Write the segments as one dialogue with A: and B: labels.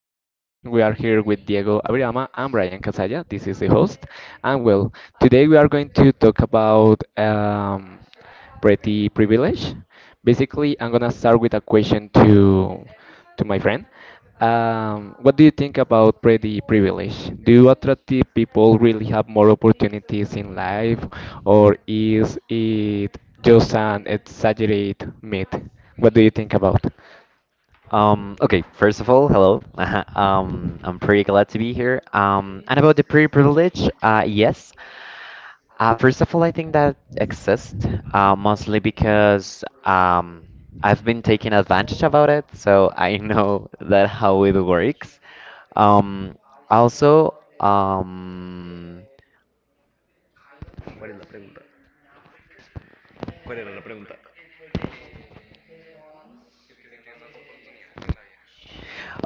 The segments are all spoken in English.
A: podcast. We are here with Diego Abriama and Brian Casalla. This is the host. And well, today we are going to talk about pretty privilege. Basically, I'm gonna start with a question to my friend. What do you think about pretty privilege? Do attractive people really have more opportunities in life, or is it just an exaggerated myth? What do you think about?
B: Okay, first of all, hello. I'm pretty glad to be here. And about the pre privilege, yes. First of all, I think that exists mostly because I've been taking advantage about it, so I know that how it works. Um, also, um,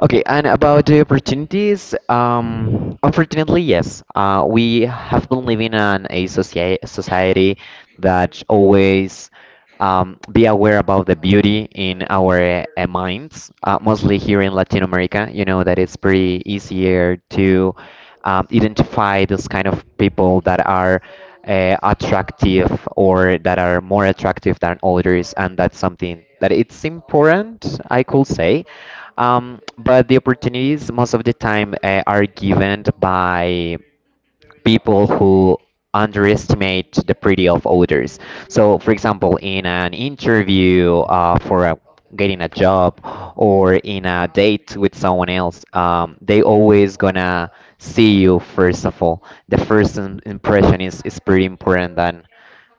B: Okay, and about the opportunities, unfortunately, yes. We have been living in a society that always be aware about the beauty in our minds, mostly here in Latin America. You know that it's pretty easier to identify this kind of people that are attractive or that are more attractive than others, and that's something that it's important, I could say. But the opportunities most of the time are given by people who underestimate the pretty of others. So, for example, in an interview for getting a job or in a date with someone else, they always gonna see you. First of all, the first impression is pretty important than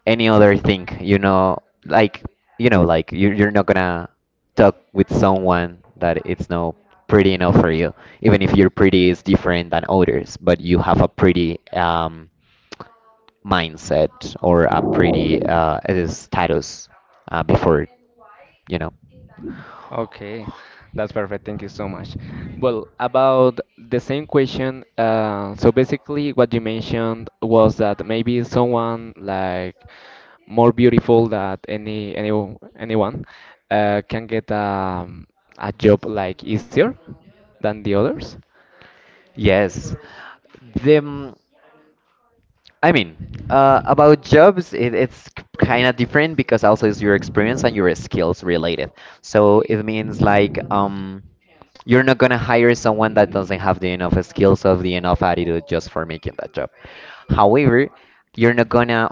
B: any other thing, like you know, you're not gonna talk with someone that it's not pretty enough for you, even if your pretty is different than others, but you have a pretty mindset, or a
A: Mindset.
B: pretty status, before, you know.
A: Okay, that's perfect. Thank you so much. Well, about the same question, so basically what you mentioned was that maybe someone like more beautiful than any anyone can get a job like easier than the others.
B: yes them I mean, about jobs, it's kind of different because also it's your experience and your skills related. So it means like you're not gonna hire someone that doesn't have the enough skills or the enough attitude just for making that job. However, you're not gonna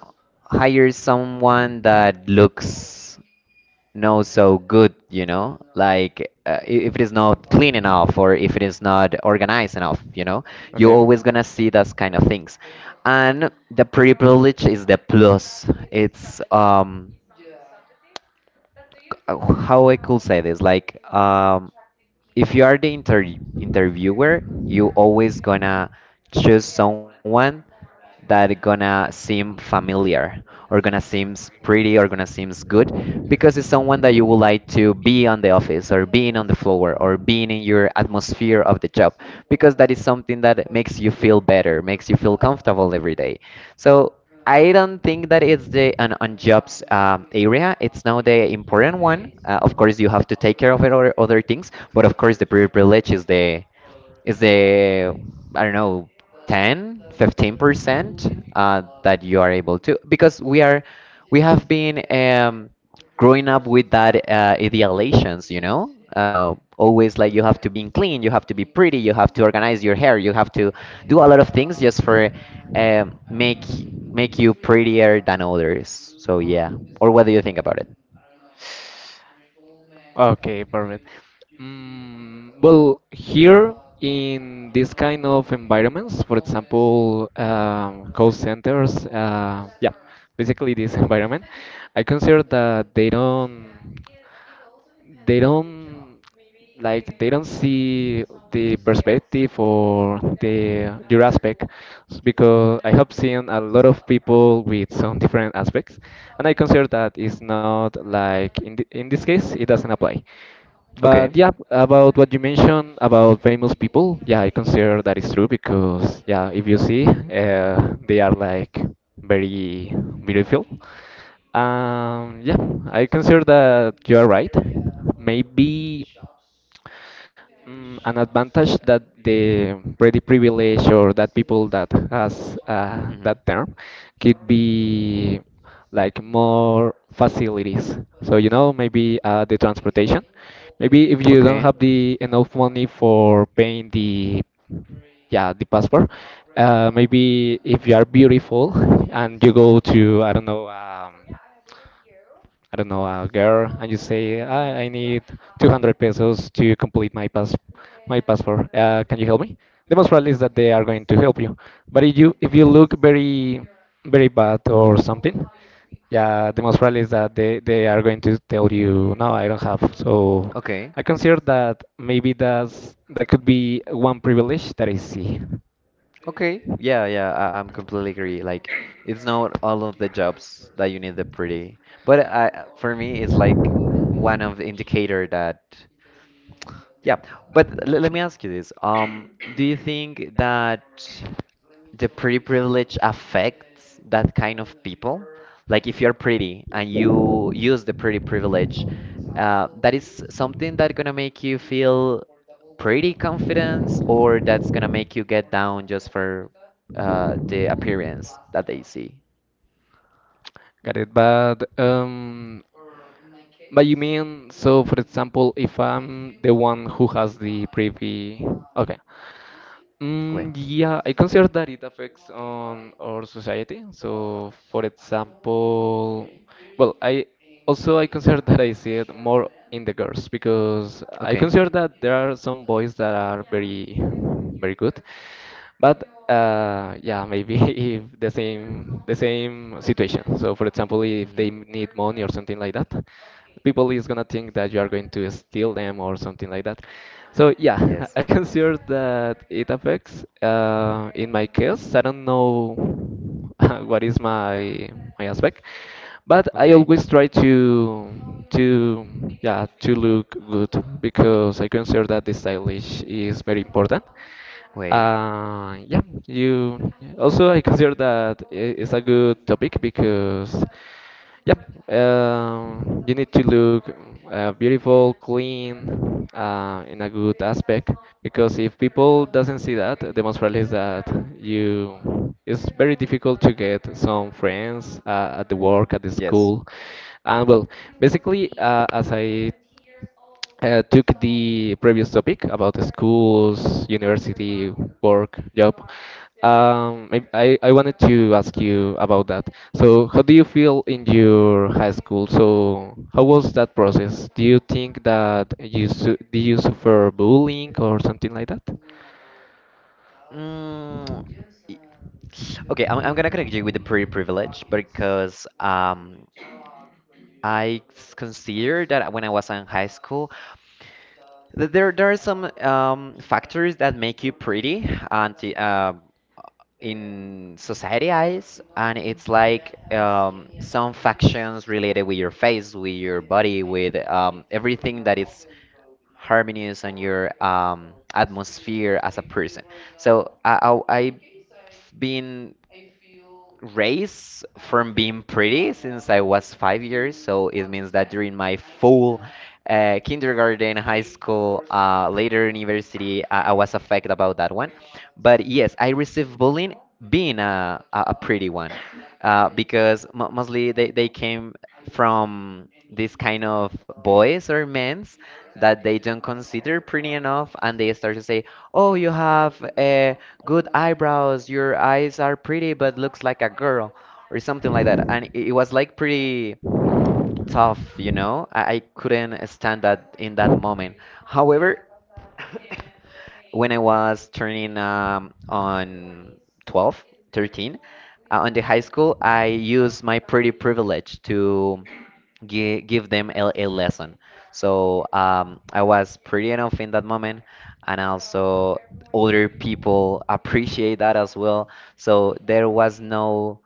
B: hire someone that looks no so good, you know, like if it is not clean enough or if it is not organized enough, you know, you're
A: Okay.
B: always gonna see those kind of things. And the privilege is the plus. It's uh, how I could say this: if you are the interviewer, you always gonna choose someone that gonna seem familiar or gonna seems pretty or gonna seems good, because it's someone that you would like to be on the office or being on the floor or being in your atmosphere of the job, because that is something that makes you feel better, makes you feel comfortable every day. So I don't think that it's the on jobs area. It's now the important one. Of course, you have to take care of it or other things, but of course, the privilege is the I don't know, 10 15% that you are able to, because we have been growing up with that idealizations, you know. Always like you have to be clean, you have to be pretty, you have to organize your hair, you have to do a lot of things just for make make you prettier than others. So yeah. Or what do you think about it?
A: Okay, perfect. Mm, well, here in this kind of environments, for example, call centers, yeah, basically this environment, I consider that they don't, like they don't see the
B: Mhm.
A: perspective or the your aspect, because I have seen a lot of people with some different aspects, and I consider that it's not like in in this case it doesn't apply. But
B: Okay.
A: yeah, about what you mentioned about famous people, yeah, I consider that is true because yeah, if you see, they are like very beautiful. Yeah, I consider that you are right. Maybe. Mm, an advantage that the pretty privilege or that people that has
B: Hmm.
A: that term could be like more facilities. So you know maybe the transportation. Maybe if you don't
B: Okay.
A: have the enough money for paying the yeah the passport, maybe if you are beautiful and you go to I don't know, a girl, and you say, I need 200 pesos to complete my pass, my passport. Can you help me? The most probably is that they are going to help you. But if you look very very bad or something, yeah, the most probably is that they are going to tell you, no, I don't have. So
B: Okay.
A: I consider that maybe that's that could be one privilege that I see.
B: Okay. Yeah, yeah, I'm completely agree. Like, it's not all of the jobs that you need the pretty, but I, for me, it's like one of the indicator that. Yeah, but l let me ask you this. Do you think that the pretty privilege affects that kind of people? Like if you're pretty and you use the pretty privilege, that is something that gonna make you feel pretty confidence, or that's gonna make you get down just for the appearance that they see?
A: Got it. But you mean so? For example, if I'm the one who has the privy, okay.
B: Wait.
A: Mm, yeah, I consider that it affects on our society. So, for example, well, I also I consider that I see it more in the girls because I
B: Okay.
A: consider that there are some boys that are very, very good, but yeah, maybe if the same situation. So for example, if
B: Hmm.
A: they need money or something like that, people is gonna think that you are going to steal them or something like that. So yeah,
B: Yes.
A: I consider that it affects. In my case, I don't know what is my aspect, but I
B: Okay.
A: always try to yeah to look good because I consider that the stylish is very important.
B: Way.
A: Yeah, you also I consider that it's a good topic because, yeah, you need to look beautiful, clean, in a good aspect. Because if people doesn't see that, the most probably is that you it's very difficult to get some friends at the
B: Oop.
A: work, at the
B: Yes.
A: school, and well, basically, as I took the previous topic about the schools, university, work, job, I wanted to ask you about that. So, how do you feel in your high school? So, how was that process? Do you think that you su do you suffer bullying or something like that?
B: Mm, y- okay, I'm gonna connect you with the pretty privilege because I consider that when I was in high school, there are some factors that make you pretty, and in society eyes, and it's like some factions related with your face, with your body, with everything that is harmonious on your atmosphere as a person. So I been raised from being pretty since I was 5 years, so it means that during my full kindergarten, high school, later university, I was affected about that one. But yes, I received bullying being a pretty one, because mo mostly they came from this kind of boys or men's that they don't consider pretty enough, and they start to say, oh, you have good eyebrows, your eyes are pretty but looks like a girl, or something like that. And it was like pretty tough, you know. I couldn't stand that in that moment. However, when I was turning on 12, 13, on the high school, I used my pretty privilege to give them a lesson. So I was pretty enough in that moment, and also other people appreciate that as well. So there was no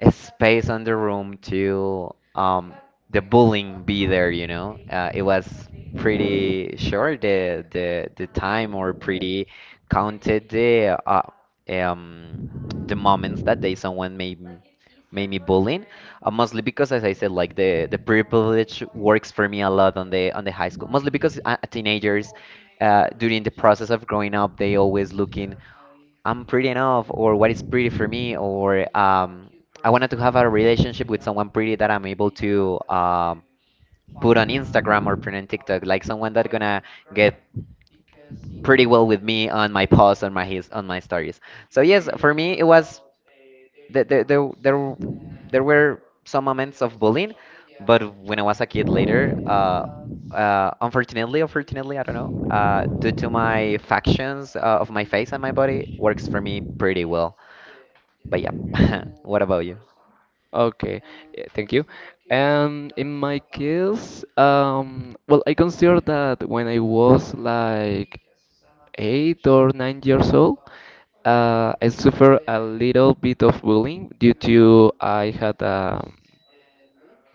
B: a space on the room to um the bullying be there, you know. Uh, it was pretty short the time, or pretty counted um the moments that day someone made me bullying, mostly because as I said, like the privilege works for me a lot on the high school, mostly because teenagers, during the process of growing up, they always looking, I'm pretty enough, or what is pretty for me, or I wanted to have a relationship with someone pretty that I'm able to put on Instagram or put on TikTok, like someone that gonna get pretty well with me on my posts, on my his, on my stories. So yes, for me it was there there there there, there were some moments of bullying, but when I was a kid later, unfortunately, I don't know, due to my factions of my face and my body, works for me pretty well. But yeah, what about you?
A: Okay, yeah, thank you. And in my case, well, I consider that when I was like 8 or 9 years old, I suffered a little bit of bullying due to I had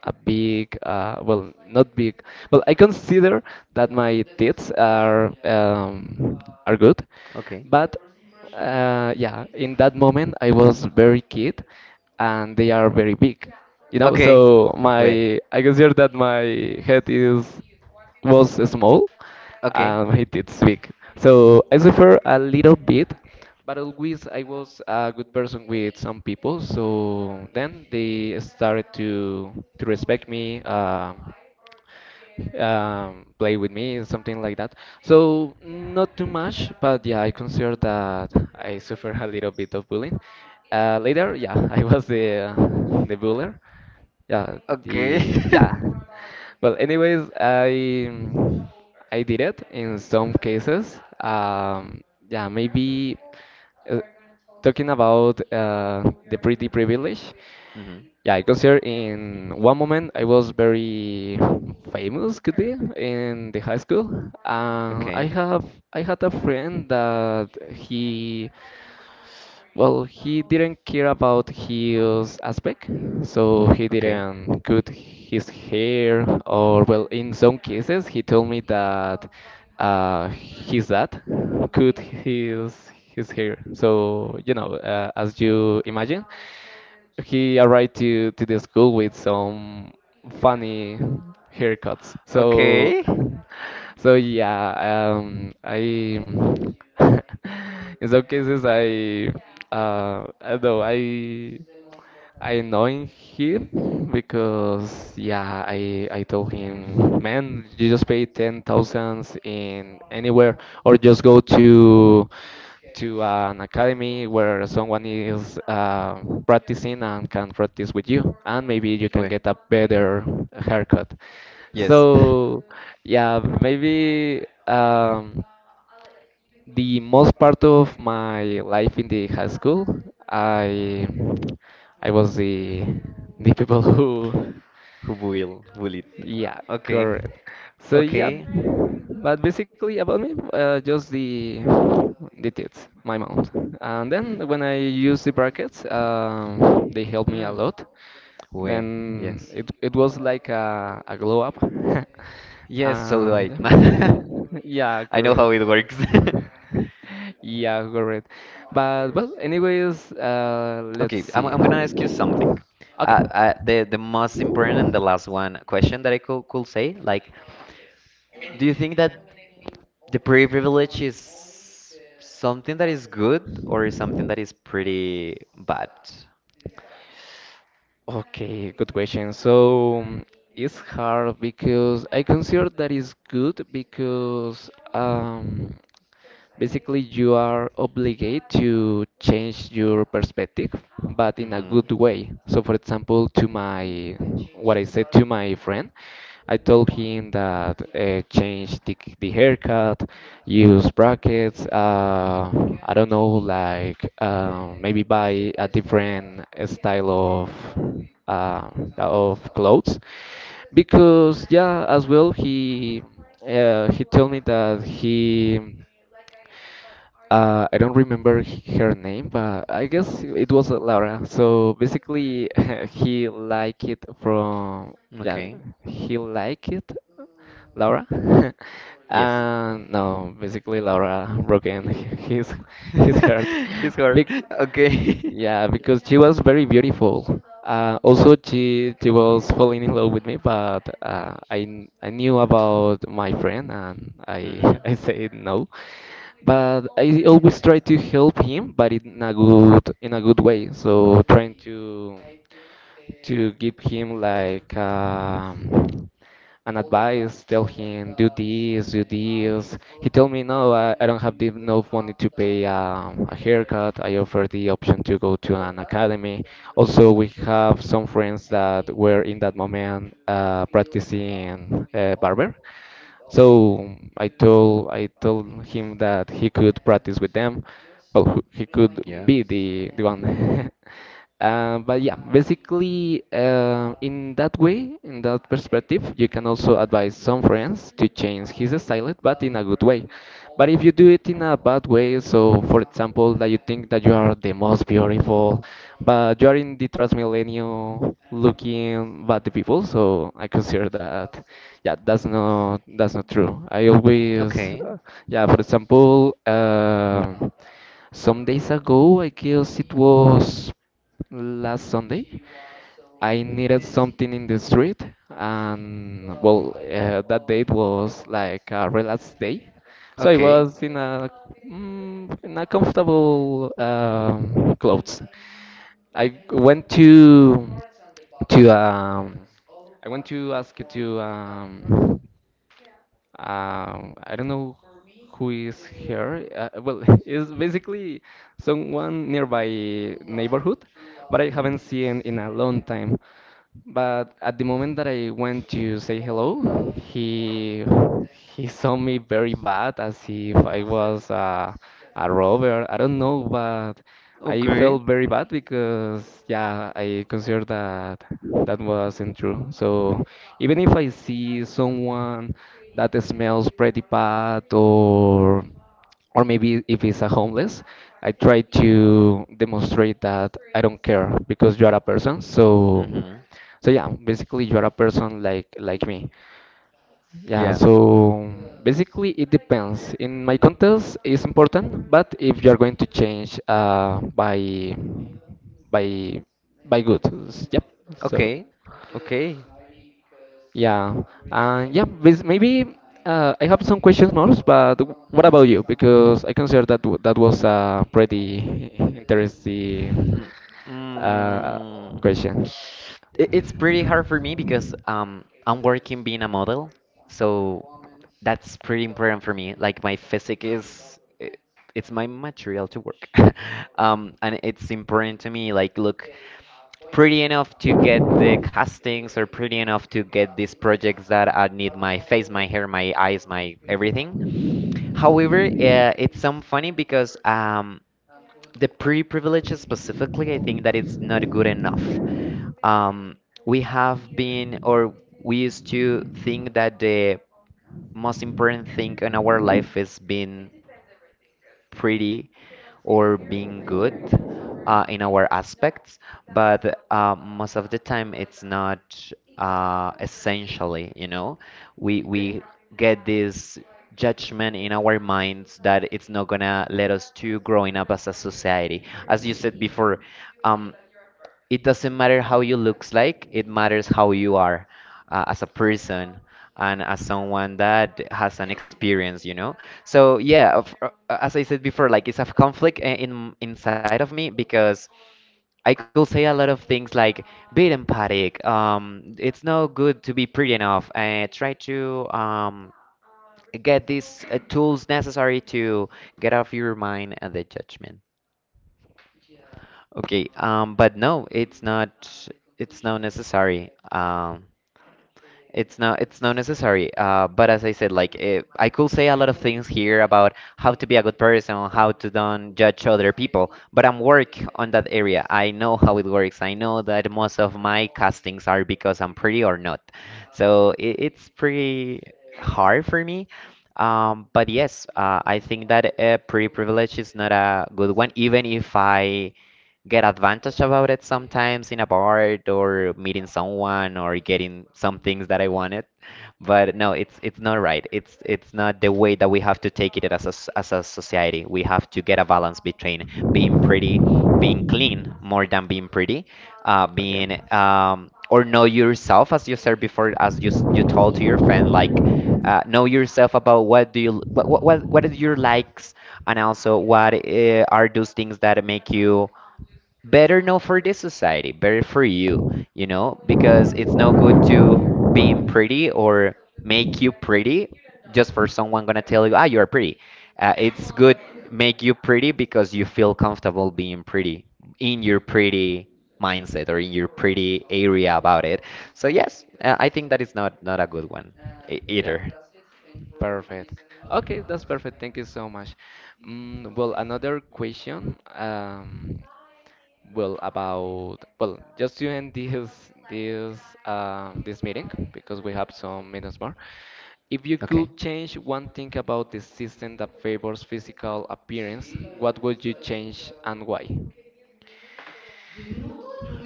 A: a big, well, not big. Well, I consider that my teeth are good,
B: Okay.
A: but yeah, in that moment I was very kid, and they are very big, you know.
B: Okay.
A: So
B: Wait.
A: my I consider that my head is was small,
B: Okay.
A: and my teeth big. So I suffer a little bit but always I was a good person with some people, so then they started to respect me, play with me, something like that. So not too much, but yeah, I consider that I suffered a little bit of bullying. Later, yeah, I was the buller, yeah,
B: Okay.
A: the yeah. Well, anyways, I did it in some cases. Yeah, maybe uh, talking about the pretty privilege.
B: Hmm.
A: Yeah, I consider in one moment I was very famous, could be, in the high school.
B: Okay.
A: I had a friend that he well he didn't care about his aspect, so he
B: Okay.
A: didn't cut his hair or well in some cases he told me that his dad cut
B: Mhm.
A: his hair. So you know as you imagine he arrived to the school with some funny haircuts. So,
B: Okay.
A: so yeah, I in some cases I don't know I annoying him because yeah I told him man you just pay ten thousands in anywhere or just go to an academy where someone is practicing and can practice with you, and maybe you can
B: Wait.
A: get a better haircut.
B: Yes.
A: So, yeah, maybe the most part of my life in the high school, I I was the people who
B: Who will it?
A: yeah,
B: Okay.
A: correct. So yeah,
B: Okay.
A: but basically about me, just the teeth, my mouth, and then when I use the brackets, they help me a
B: Mm.
A: lot.
B: Wait.
A: Then
B: Yes.
A: it was like a glow up.
B: Yes, so do
A: um,
B: I.
A: yeah, yeah,
B: I know
A: correct.
B: how it works.
A: Yeah, correct. But well, anyways, let's
B: Okay, I'm
A: see.
B: I'm gonna ask you something.
A: Okay.
B: The most important and the last one question that I could say, like, do you think that the pretty privilege is something that is good or is something that is pretty bad?
A: Okay, good question. So mm, it's hard because I consider that is good because basically you are obligated to change your perspective, but in a
B: Hmm.
A: good way. So, for example, to my what I said to my friend. I told him that change the haircut, use brackets. I don't know, like maybe buy a different style uh, of clothes because yeah, as well he told me that he I don't remember her name, but I guess it was Laura. So basically, he liked it from yeah,
B: Okay.
A: he liked it, Laura.
B: Yes.
A: And no, basically Laura broke in his his heart.
B: He's hard.
A: Big.
B: Okay.
A: Yeah, because she was very beautiful. Also, she was falling in love with me, but I knew about my friend and I
B: Mm-hmm.
A: I said no. But I always try to help him, but in a good way. So trying to give him like an advice, tell him do this, do this. He told me no, I don't have the enough money to pay a haircut. I offered the option to go to an academy. Also, we have some friends that were in that moment practicing barber. So I told him that he could practice with them. Well, he could
B: Yeah.
A: be the one. But yeah, basically, in that way, in that perspective, you can also advise some friends to change his style, but in a good way. But if you do it in a bad way, so for example, that you think that you are the most beautiful, but you are in the transmillennial looking bad people, so I consider that, yeah, that's not true. I always,
B: Okay.
A: yeah, for example, some days ago, I guess it was last Sunday. I needed something in the street, and well, that date was like a relaxed day, so I
B: Okay.
A: was in a mm, in a comfortable clothes. I went to I went to ask to I don't know who is here. Well, it's basically someone nearby neighborhood, but I
B: Mhm.
A: haven't seen in a long time. But at the moment that I went to say hello, he saw me very bad, as if I was a robber. I don't know, but I
B: Okay.
A: felt very bad because yeah, I considered that that wasn't true. So even if I see someone that smells pretty bad or maybe if it's a homeless, I try to demonstrate that I don't care because you are a person. So
B: Hmm.
A: so yeah, basically you are a person like me. Yeah,
B: Yeah.
A: so basically it depends. In my contest, it's important, but if you're going to change by by good, yep. So
B: Okay. Okay.
A: yeah, and yeah, maybe I have some questions more, but what
B: Hmm.
A: about you? Because I consider that that was a pretty interesting uh,
B: Mm.
A: question.
B: It's pretty hard for me because I'm working being a model, so that's pretty important for me. Like my physique it's my material to work. And it's important to me like look pretty enough to get the castings or pretty enough to get these projects that I need my face, my hair, my eyes, my everything. However, it's some funny because the pretty privilege specifically, I think that it's not good enough. Um, we have been, or we used to think that the most important thing in our life is being pretty or being good in our aspects, but most of the time it's not essentially, you know, we
A: Okay.
B: we get this judgment in our minds that it's not gonna let us to growing up as a society. As you said before, um, it doesn't matter how you looks like, it matters how you are as a person and as someone that has an experience, you know. So as I said before, like it's a conflict in inside of me, because I could say a lot of things like be empathic. It's no good to be pretty enough. Try to get these tools necessary to get off your mind and the judgment. Okay, but no, it's not. It's not necessary. It's not necessary. But as I said, like it, I could say a lot of things here about how to be a good person, how to don't judge other people. But I'm work on that area. I know how it works. I know that most of my castings are because I'm pretty or not. So it's pretty hard for me. But yes, I think that pretty privilege is not a good one, even if I get advantage about it sometimes in a bar or meeting someone or getting some things that I wanted. But no, it's not right. It's not the way that we have to take it as as a society. We have to get a balance between being pretty, being clean more than being pretty,
A: Okay.
B: being or know yourself as you said before, as you told to your friend, like know yourself about what is your likes and also what are those things that make you better no for this society, better for you, because it's no good to being pretty or make you pretty just for someone gonna tell you, ah, you're pretty. It's good make you pretty because you feel comfortable being pretty in your pretty mindset or in your pretty area about it. So yes, I think that is not a good one
A: Yeah.
B: either.
A: Perfect. Okay, that's perfect. Thank you so much. Mm, well, another question. Well, about well, just to end this this meeting because we have some minutes more. If you
B: Okay.
A: could change one thing about the system that favors physical appearance, what would you change and why?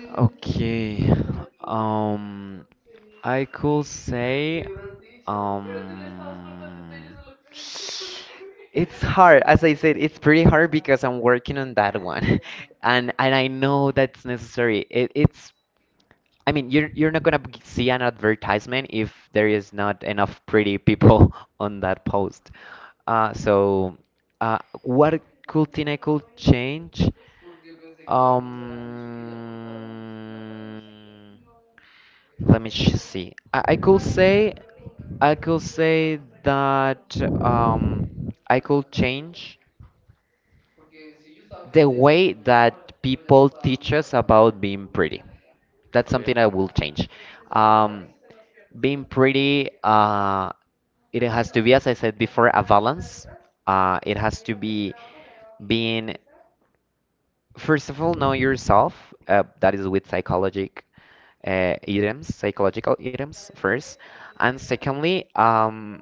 B: Okay. Um, I could say, um, it's hard. As I said, it's pretty hard because I'm working on that one, and I know that's necessary. It, it's. I mean, you're not gonna see an advertisement if there is not enough pretty people on that post. Uh, so, what could thing I could change? Um, Let me see. I could say that I could change the way that people teach us about being pretty. That's
A: Okay.
B: something I will change. Um, Being pretty, it has to be, as I said before, a balance. It has to be being, first of all, know yourself. That is with psychologic items, psychological items first. And secondly,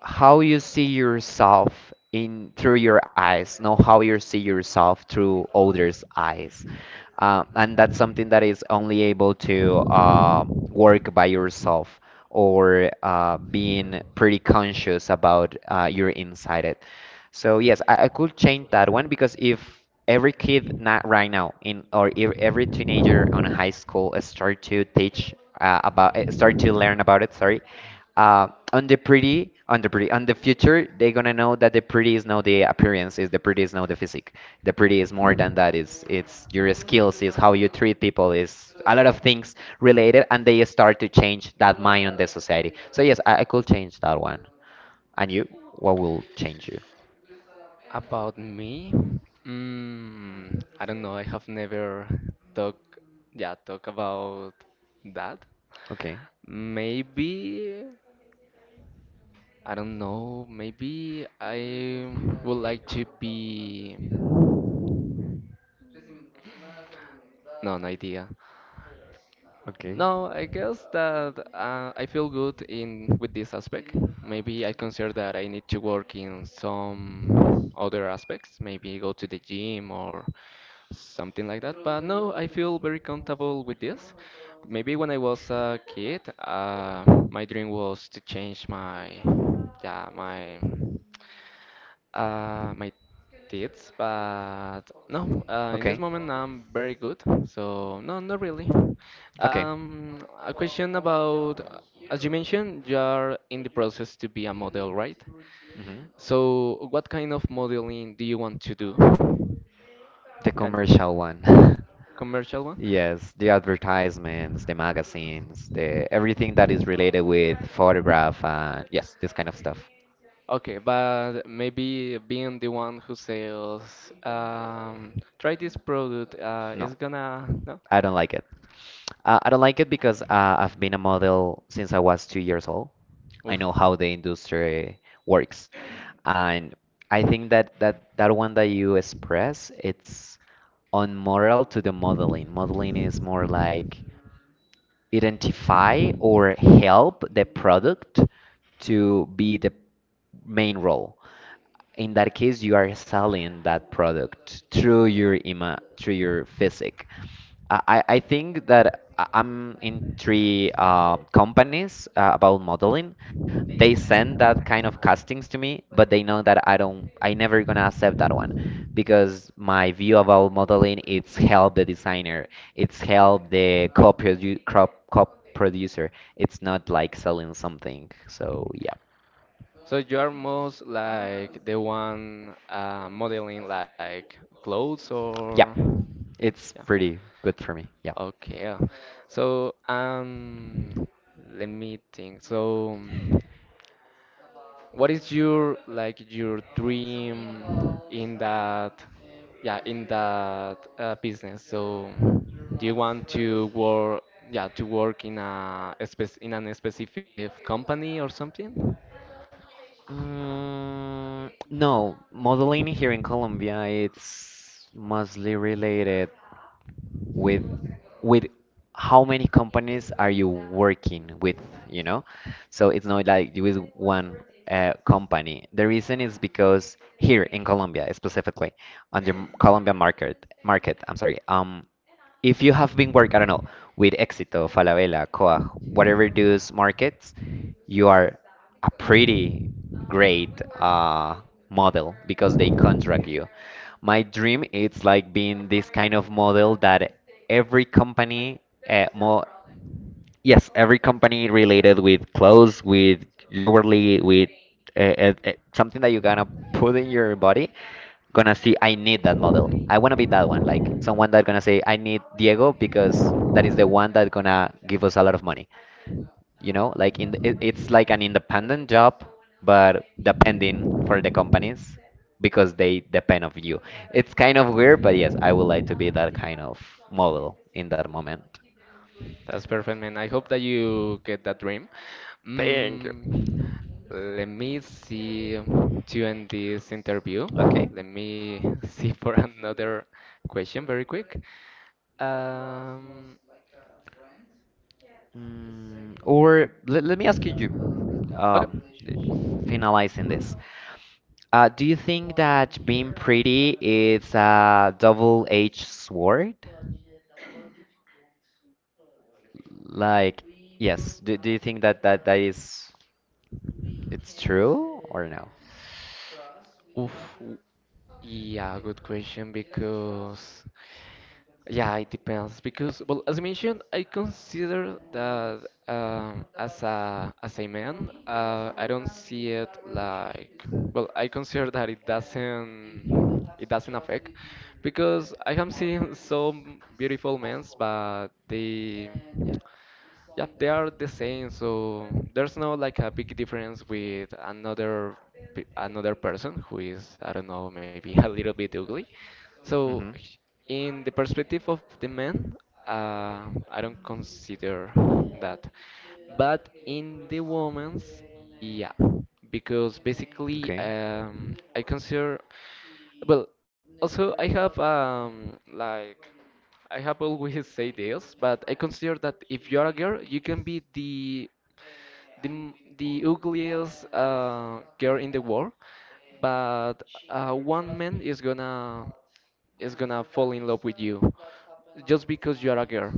B: how you see yourself in through your eyes, not how you see yourself through others' eyes. And that's something that is only able to work by yourself or being pretty conscious about your inside it. So yes, I could change that one because if every kid not right now in or every teenager on a high school start to teach about start to learn about it, sorry, on the pretty, on the future, they're gonna know that the pretty is not the appearance, is the pretty is not the physique. The pretty is more than that. It's your skills, is how you treat people, is a lot of things related and they start to change that mind on the society. So yes, I could change that one. And you, what will change you?
A: About me? I don't know. I have never talk, yeah, talk about that.
B: Okay,
A: Maybe, I don't know. Maybe I would like to be. No, no idea.
B: okay,
A: No, I guess that I feel good in with this aspect. Maybe I consider that I need to work in some other aspects. Maybe go to the gym or something like that. But no, I feel very comfortable with this. Maybe when I was a kid, my dream was to change my, yeah, my, my teeth. But no, in this
B: okay,
A: moment I'm very good. So no, not really.
B: okay.
A: A question about, as you mentioned, you are in the process to be a model, right?
B: Hmm.
A: So what kind of modeling do you want to do?
B: The
A: Can
B: commercial one.
A: commercial one?
B: Yes, the advertisements, the magazines, the everything that is related with photograph and yes, this kind of stuff.
A: Okay, but maybe being the one who sells, try this product,
B: No,
A: is gonna, no?
B: I don't like it. I don't like it because I've been a model since I was 2 years old. I
A: Oof.
B: know how the industry works. And I think that that one that you express, it's unmoral to the modeling. Modeling is more like identify or help the product to be the main role. In that case, you are selling that product through your ima through your physique. I think that I'm in three companies about modeling. They send that kind of castings to me, but they know that I never gonna accept that one because my view about modeling it's help the designer, it's help the co-producer. It's not like selling something. So yeah,
A: So you are most like the one modeling like clothes or
B: yeah, it's pretty good for me. Yeah.
A: okay. So let me think. So what is your like your dream in that yeah in that business? So do you want to work yeah to work in a spec in an specific company or something?
B: Mm, no, modeling here in Colombia it's mostly related with with how many companies are you working with, you know, so it's not like with one company. The reason is because here in Colombia, specifically on the colombian market, I'm sorry, if you have been work, I don't know, with Exito, Falabella, Coag, whatever those markets, you are a pretty great model because they contract you. My dream it's like being this kind of model that every company mo yes, every company related with clothes, with jewelry, with something that you're gonna put in your body, gonna see, I need that model. I wanna be that one, like someone that gonna say, I need Diego because that is the one that gonna give us a lot of money, you know, like in it, it's like an independent job, but depending for the companies because they depend of you. It's kind of weird, but yes, I would like to be that kind of model in that moment.
A: That's perfect, man. I hope that you get that dream. Mm, let me see to end this interview.
B: Okay.
A: Let me see for another question very quick. Um,
B: Let me ask you, um,
A: Okay.
B: finalizing this do you think that being pretty is a double-edged sword, like yes, do you think that is, it's true or no?
A: Oof. W- Yeah, good question because yeah, it depends because, well, as I mentioned, I consider that as a man, I don't see it like, well, I consider that it doesn't affect because I have seen some beautiful men, but they yeah they are the same, so there's no like a big difference with another pe- another person who is I don't know maybe a little bit ugly. So
B: Hmm.
A: in the perspective of the man, I don't consider that. But in the woman's, yeah, because
B: Okay.
A: basically I consider, well, also I have like I have always said this, but I consider that if you are a girl, you can be the m- the ugliest girl in the world, but one man is gonna fall in love with you just because you are a girl.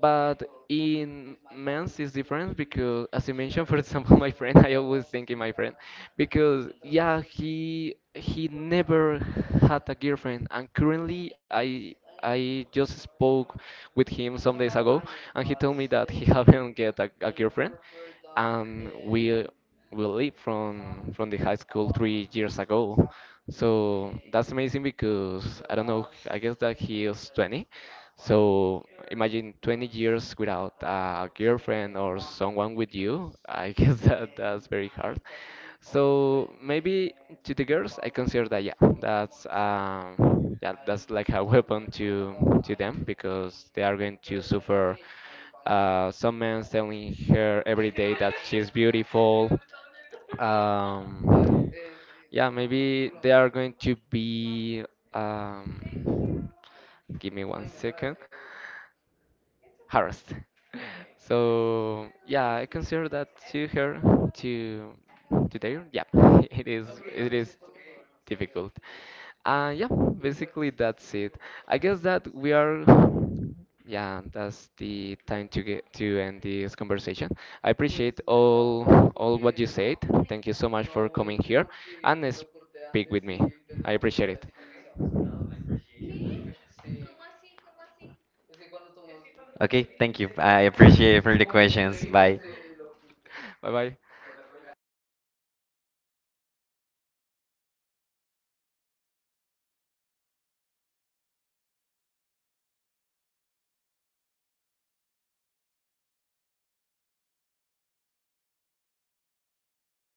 A: But in men's it's different because, as you mentioned, for example, my friend, I always think in my friend because yeah, he never had a girlfriend, and currently I just spoke with him some days ago, and he told me that he haven't get a girlfriend, and we leave from the high school 3 years ago. So that's amazing because I don't know, I guess that he is 20, so imagine 20 years without a girlfriend or someone with you. I guess that that's very hard. So maybe to the girls, I consider that yeah, that's that, that's like a weapon to them because they are going to suffer. Some men telling her every day that she's beautiful. Um, yeah, maybe they are going to be. Um, give me one second harassed. So yeah, I consider that to her to to there. Yeah, it is it is difficult. Yeah, basically that's it. I guess that we are. Yeah, that's the time to get to end this conversation. I appreciate all what you said. Thank you so much for coming here and speak with me. I appreciate it.
B: Okay, thank you. I appreciate for the questions. Bye.
A: Bye bye.